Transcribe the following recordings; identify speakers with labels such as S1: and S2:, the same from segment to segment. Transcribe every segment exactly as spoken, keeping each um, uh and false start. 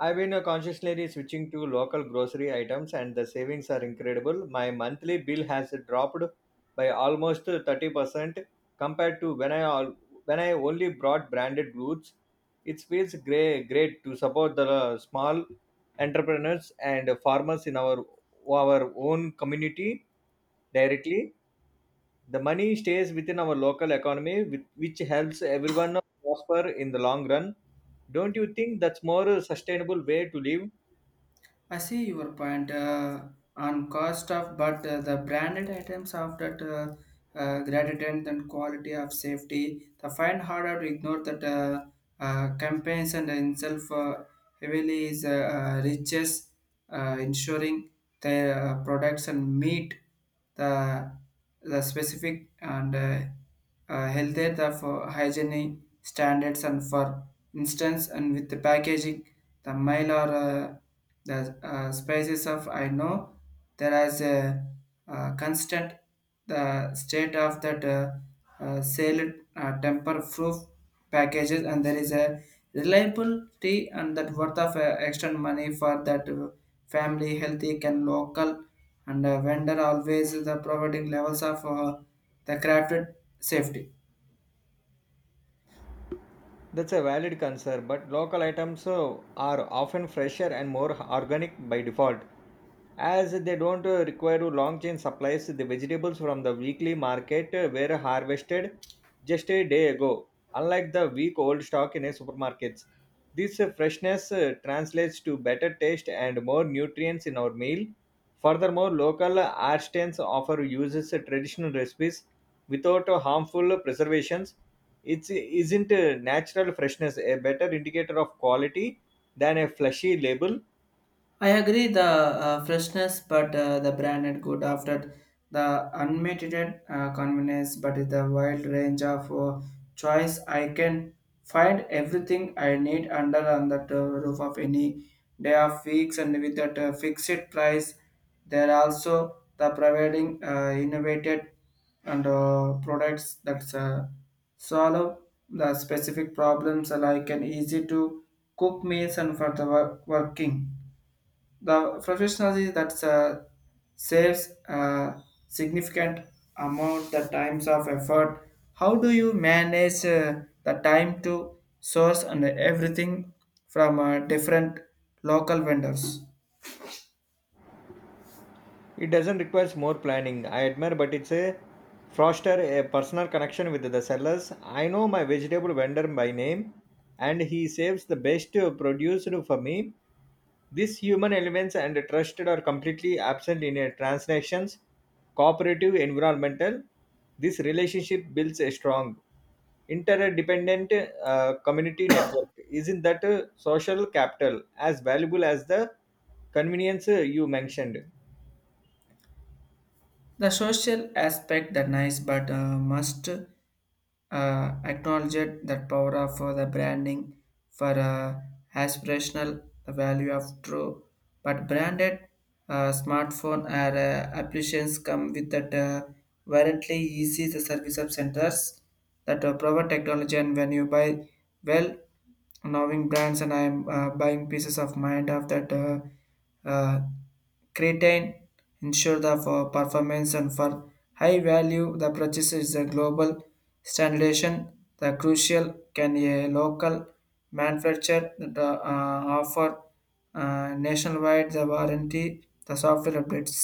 S1: I've been uh, consciously switching to local grocery items, and the savings are incredible. My monthly bill has dropped by almost thirty percent compared to when I al- when I only brought branded goods. It feels great, great to support the uh, small entrepreneurs and farmers in our our own community directly. The money stays within our local economy, with- which helps everyone prosper in the long run. Don't you think that's more a sustainable way to live?
S2: I see your point, uh, on cost of, but uh, the branded items of that uh, uh, gratitude and quality of safety, the find harder to ignore that uh, uh, campaigns and itself uh, heavily is uh, uh, riches uh, ensuring their uh, products and meet the the specific and uh, uh, healthier the for hygiene standards and for instance and with the packaging the mile or uh, the uh, spices of I know there is a uh, constant the state of that uh, uh, sale uh, temper proof packages and there is a reliability and that worth of uh, extra money for that uh, family healthy can local and uh, vendor always the providing levels of uh, the crafted safety.
S1: That's a valid concern, but local items uh, are often fresher and more organic by default, as they don't uh, require long chain supplies. The vegetables from the weekly market uh, were harvested just a day ago, unlike the week old stock in a supermarkets. This uh, freshness uh, translates to better taste and more nutrients in our meal. Furthermore, local artisans offer uses uh, traditional recipes without uh, harmful preservations. It isn't uh, natural freshness a better indicator of quality than a flashy label?
S2: I agree the uh, freshness, but uh, the branded good after the unmitigated uh, convenience, but with the wide range of uh, choice, I can find everything I need under on that uh, roof of any day of weeks and with that uh, fixed price. There are also the providing uh, innovated and uh, products that uh, solve the specific problems like an easy to cook meals and for the wor- working. The professionalism that uh, saves a significant amount the times of effort. How do you manage uh, the time to source and everything from uh, different local vendors?
S1: It doesn't require more planning. I admire, but it's a foster a personal connection with the sellers. I know my vegetable vendor by name, and he saves the best uh, produce for me. These human elements and trusted are completely absent in a transactions, cooperative environmental. This relationship builds a strong interdependent uh, community network. Isn't that uh, social capital as valuable as the convenience uh, you mentioned?
S2: The social aspect that nice, but uh, must uh, acknowledge it, that power of uh, the branding for uh, aspirational the value of true. But branded uh, smartphone or uh, applications come with that uh, variantly easy the service of centers that uh, provide technology and when you buy well knowing brands and I'm uh, buying pieces of mind of that uh, uh, creatine ensure the for performance and for high value the purchase is a global standardization the crucial can a local manufacturer the, uh, offer uh, nationwide the warranty the software updates.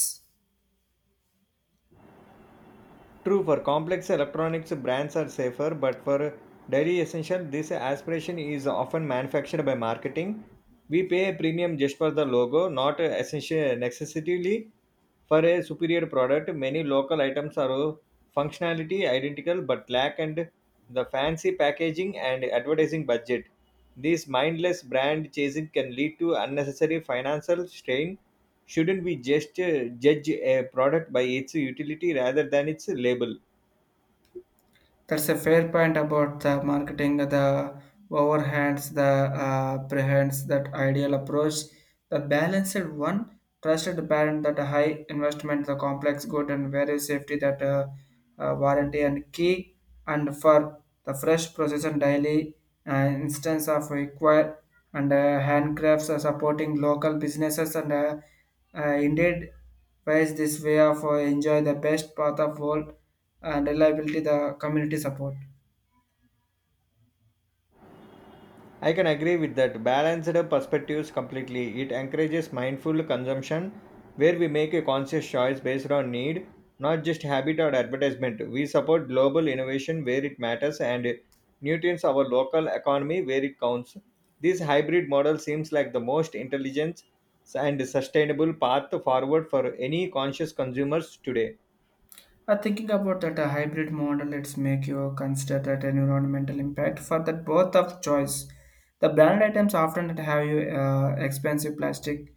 S1: True, for complex electronics, brands are safer, but for daily essential, this aspiration is often manufactured by marketing. We pay a premium just for the logo, not essentially necessarily for a superior product. Many local items are functionality identical but lack and the fancy packaging and advertising budget. This mindless brand chasing can lead to unnecessary financial strain. Shouldn't we just uh, judge a product by its utility rather than its label?
S2: That's a fair point about the marketing. The overhands, the uh, prehends, that ideal approach, the balanced one, trusted parent, that high investment, the complex good, and very safety, that uh, uh, warranty and key, and for the fresh process and daily uh, instance of require and uh, handcrafts are supporting local businesses and uh, uh, indeed ways this way of uh, enjoy the best path of world and reliability the community support.
S1: I can agree with that. Balanced perspectives completely. It encourages mindful consumption where we make a conscious choice based on need, not just habit or advertisement. We support global innovation where it matters and nutrients our local economy where it counts. This hybrid model seems like the most intelligent and sustainable path forward for any conscious consumers today.
S2: Uh, thinking about that uh, hybrid model, it's make you consider that environmental impact for that both of choice. The brand items often have you uh, expensive plastic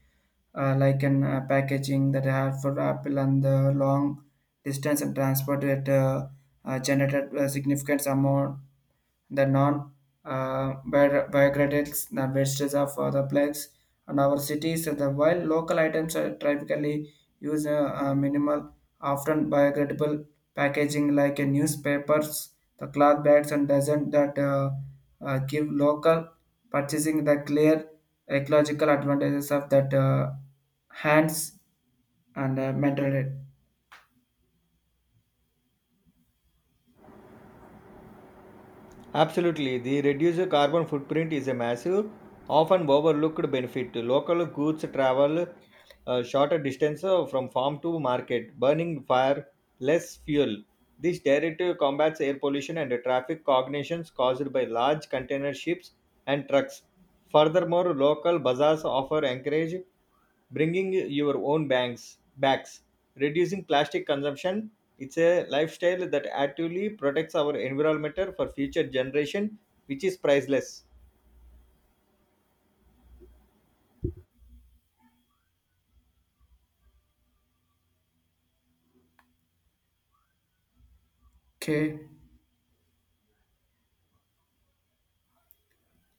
S2: uh, like an uh, packaging that have for Apple and the long distance and transport that uh, uh, generated a significant amount the non-biodegradable biodegradables the wastes of uh, the plants and our cities. The while local items are typically use uh, uh, minimal, often biodegradable packaging like uh, newspapers, the cloth bags, and doesn't that uh, uh, give local purchasing the clear ecological advantages of that uh, hands and uh, mental health.
S1: Absolutely, the reduced carbon footprint is a massive, often overlooked benefit. Local goods travel a shorter distance uh, from farm to market, burning far less fuel. This directly combats air pollution and traffic cognitions caused by large container ships and trucks. Furthermore, local bazaars offer encourage bringing your own bags, bags, reducing plastic consumption. It's a lifestyle that actively protects our environment for future generation, which is priceless.
S2: Okay.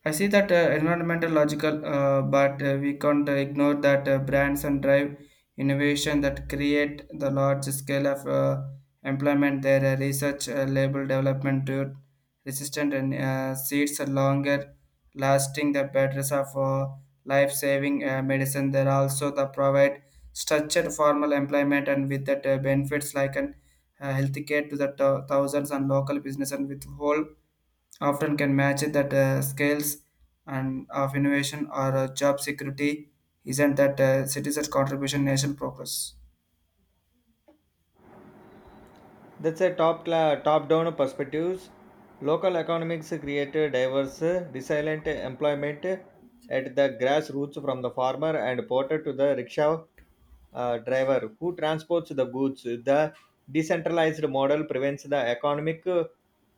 S2: I see that uh, environmental logical, uh, but uh, we can't uh, ignore that uh, brands and drive innovation that create the large scale of uh, employment. Their uh, research, uh, label development, to resistant and uh, seeds are longer lasting. The batteries of uh, life saving uh, medicine. They also the provide structured formal employment and with that uh, benefits like an uh, healthcare to the thou- thousands and local business and with whole often can match that uh, scales and of innovation or uh, job security. Isn't that uh, citizens contribution nation progress?
S1: That's a top cla- top down perspectives. Local economics create diverse, resilient employment at the grassroots from the farmer and porter to the rickshaw uh, driver who transports the goods. The decentralized model prevents the economic uh,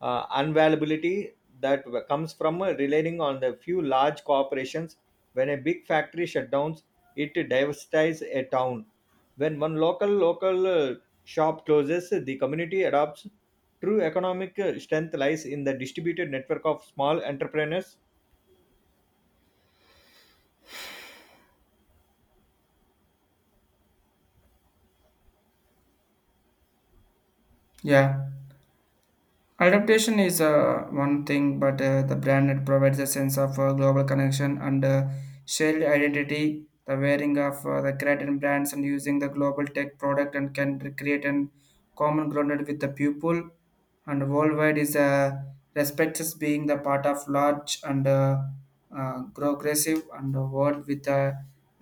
S1: unavailability that w- comes from relying on the few large corporations. When a big factory shutdowns, it diversifies a town. When one local local uh, shop closes, the community adopts. True economic strength lies in the distributed network of small entrepreneurs.
S2: Yeah, adaptation is uh, one thing, but uh, the brand it provides a sense of uh, global connection and uh, shared identity the wearing of uh, the creating brands and using the global tech product and can create an common grounded with the pupil and worldwide is uh, respects as being the part of large and uh, uh, progressive and a world with uh,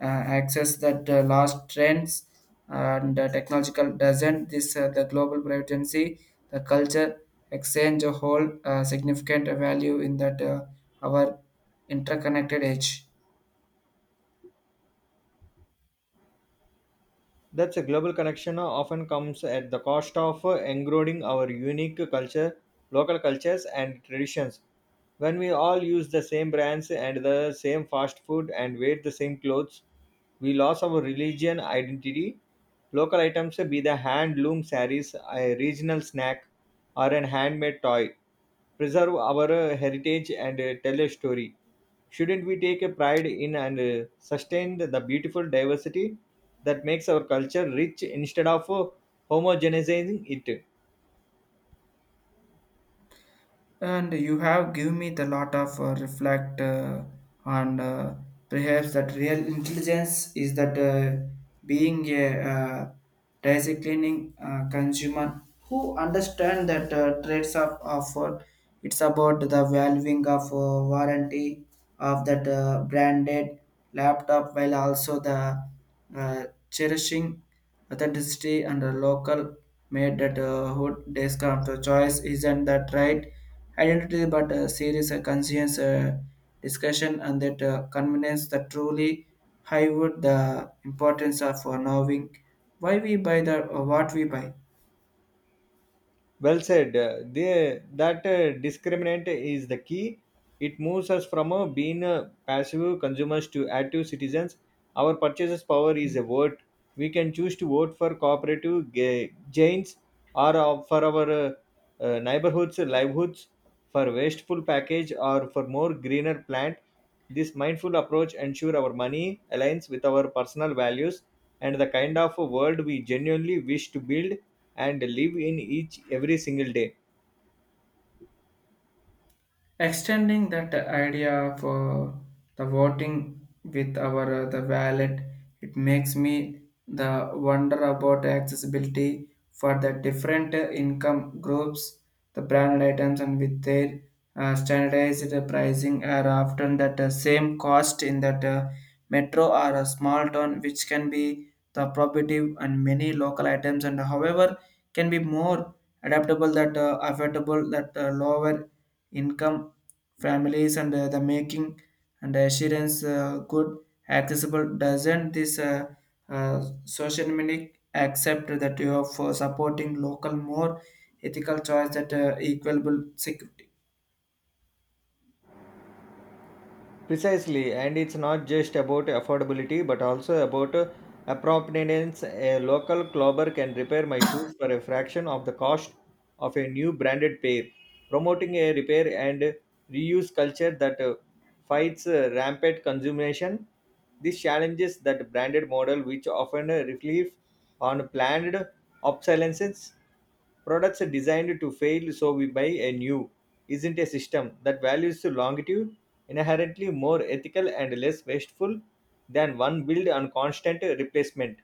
S2: uh, access that uh, last trends and uh, technological. Doesn't this uh, the global privacy the culture exchange a whole uh, significant value in that uh, our interconnected age?
S1: That's a global connection often comes at the cost of eroding our unique culture, local cultures, and traditions. When we all use the same brands and the same fast food and wear the same clothes, we lost our religion identity. Local items be the hand loom sarees, a regional snack, or an handmade toy preserve our uh, heritage and uh, tell a story. Shouldn't we take a pride in and uh, sustain the beautiful diversity that makes our culture rich instead of uh, homogenizing it?
S2: And you have given me the lot of uh, reflect uh, on uh, perhaps that real intelligence is that uh, being a uh, disciplining uh, consumer who understand that uh, trades of offer. It's about the valuing of uh, warranty of that uh, branded laptop while also the uh, cherishing authenticity and the local made that uh, hood desk of the choice. Isn't that right identity but a serious uh, conscience uh, discussion and that uh, convenience that truly highwood the importance of uh, knowing why we buy the or what we buy?
S1: Well said. Uh, They, that uh, discriminant is the key. It moves us from uh, being uh, passive consumers to active citizens. Our purchases power is a vote. We can choose to vote for cooperative ga- gains or uh, for our uh, uh, neighborhoods, livelihoods, for wasteful package or for more greener plant. This mindful approach ensure our money aligns with our personal values and the kind of a world we genuinely wish to build and live in each every single day.
S2: Extending that idea for the voting with our uh, the wallet, it makes me the wonder about accessibility for the different uh, income groups. The branded items and with their uh, standardized pricing are often that uh, same cost in that uh, metro or a small town, which can be the prohibitive, and many local items and however can be more adaptable that uh, affordable that uh, lower income families and uh, the making and assurance uh, good accessible. Doesn't this uh, uh, social media accept that you are for supporting local more ethical choice that uh, equable security?
S1: Precisely, and it's not just about affordability but also about uh, appropriateness. A local clobber can repair my shoes for a fraction of the cost of a new branded pair, promoting a repair and reuse culture that uh, fights uh, rampant consumption. This challenges that branded model, which often uh, relief on planned obsolescence. Products are designed to fail, so we buy a new. Isn't a system that values longitude inherently more ethical and less wasteful than one built on constant replacement?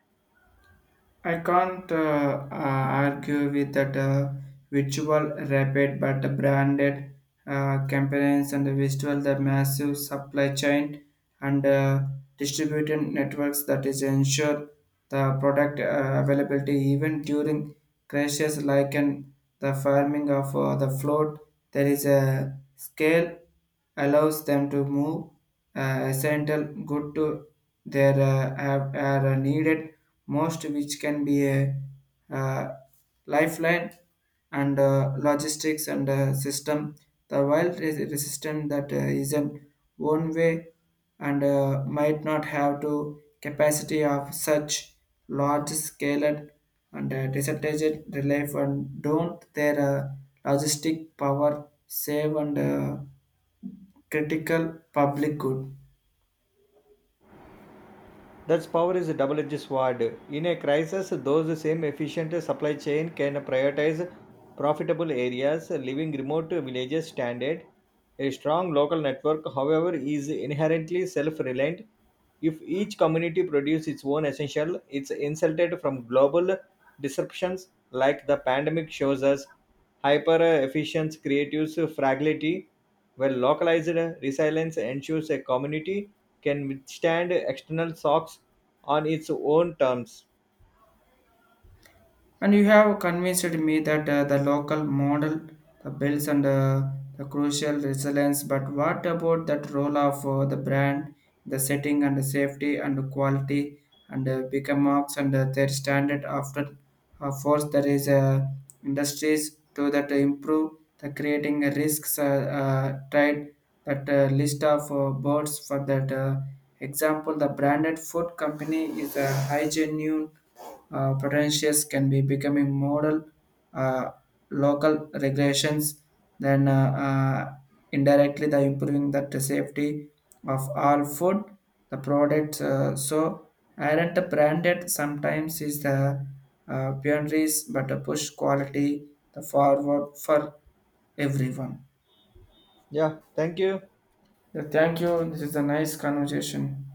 S2: I can't uh, uh, argue with that uh, visual rapid, but the branded uh, campaigns and the visual the massive supply chain and uh, distributed networks that is ensure the product uh, availability even during crashes like in the farming of uh, the float. There is a scale allows them to move uh, essential good to their uh, have, are needed most, which can be a uh, lifeline and uh, logistics and uh, system. The wild is resistant that uh, is an one way and uh, might not have to capacity of such large scale and uh, disadvantaged relief. And don't their uh, logistic power save and uh, critical public good?
S1: That's power is a double edged sword. In a crisis, those same efficient supply chain can prioritize profitable areas, leaving remote villages stranded. A strong local network, however, is inherently self reliant. If each community produces its own essential, it's insulted from global disruptions like the pandemic shows us. Hyper efficient creates fragility well, localized resilience ensures a community can withstand external shocks on its own terms.
S2: And you have convinced me that uh, the local model, the bills and uh, the crucial resilience, but what about that role of uh, the brand, the setting and the safety and the quality and uh, bigger marks and uh, their standard after uh, force there is uh, industries to that improve the creating risks uh, uh, tried that uh, list of uh, birds for that uh, Example: the branded food company is a high genuine uh, potentials can be becoming model uh, local regulations then uh, uh, indirectly the improving that the safety of all food the products uh, so aren't the branded sometimes is the uh, pioneers but a push quality the forward for everyone?
S1: Yeah, thank you.
S2: Yeah, thank you, this is a nice conversation.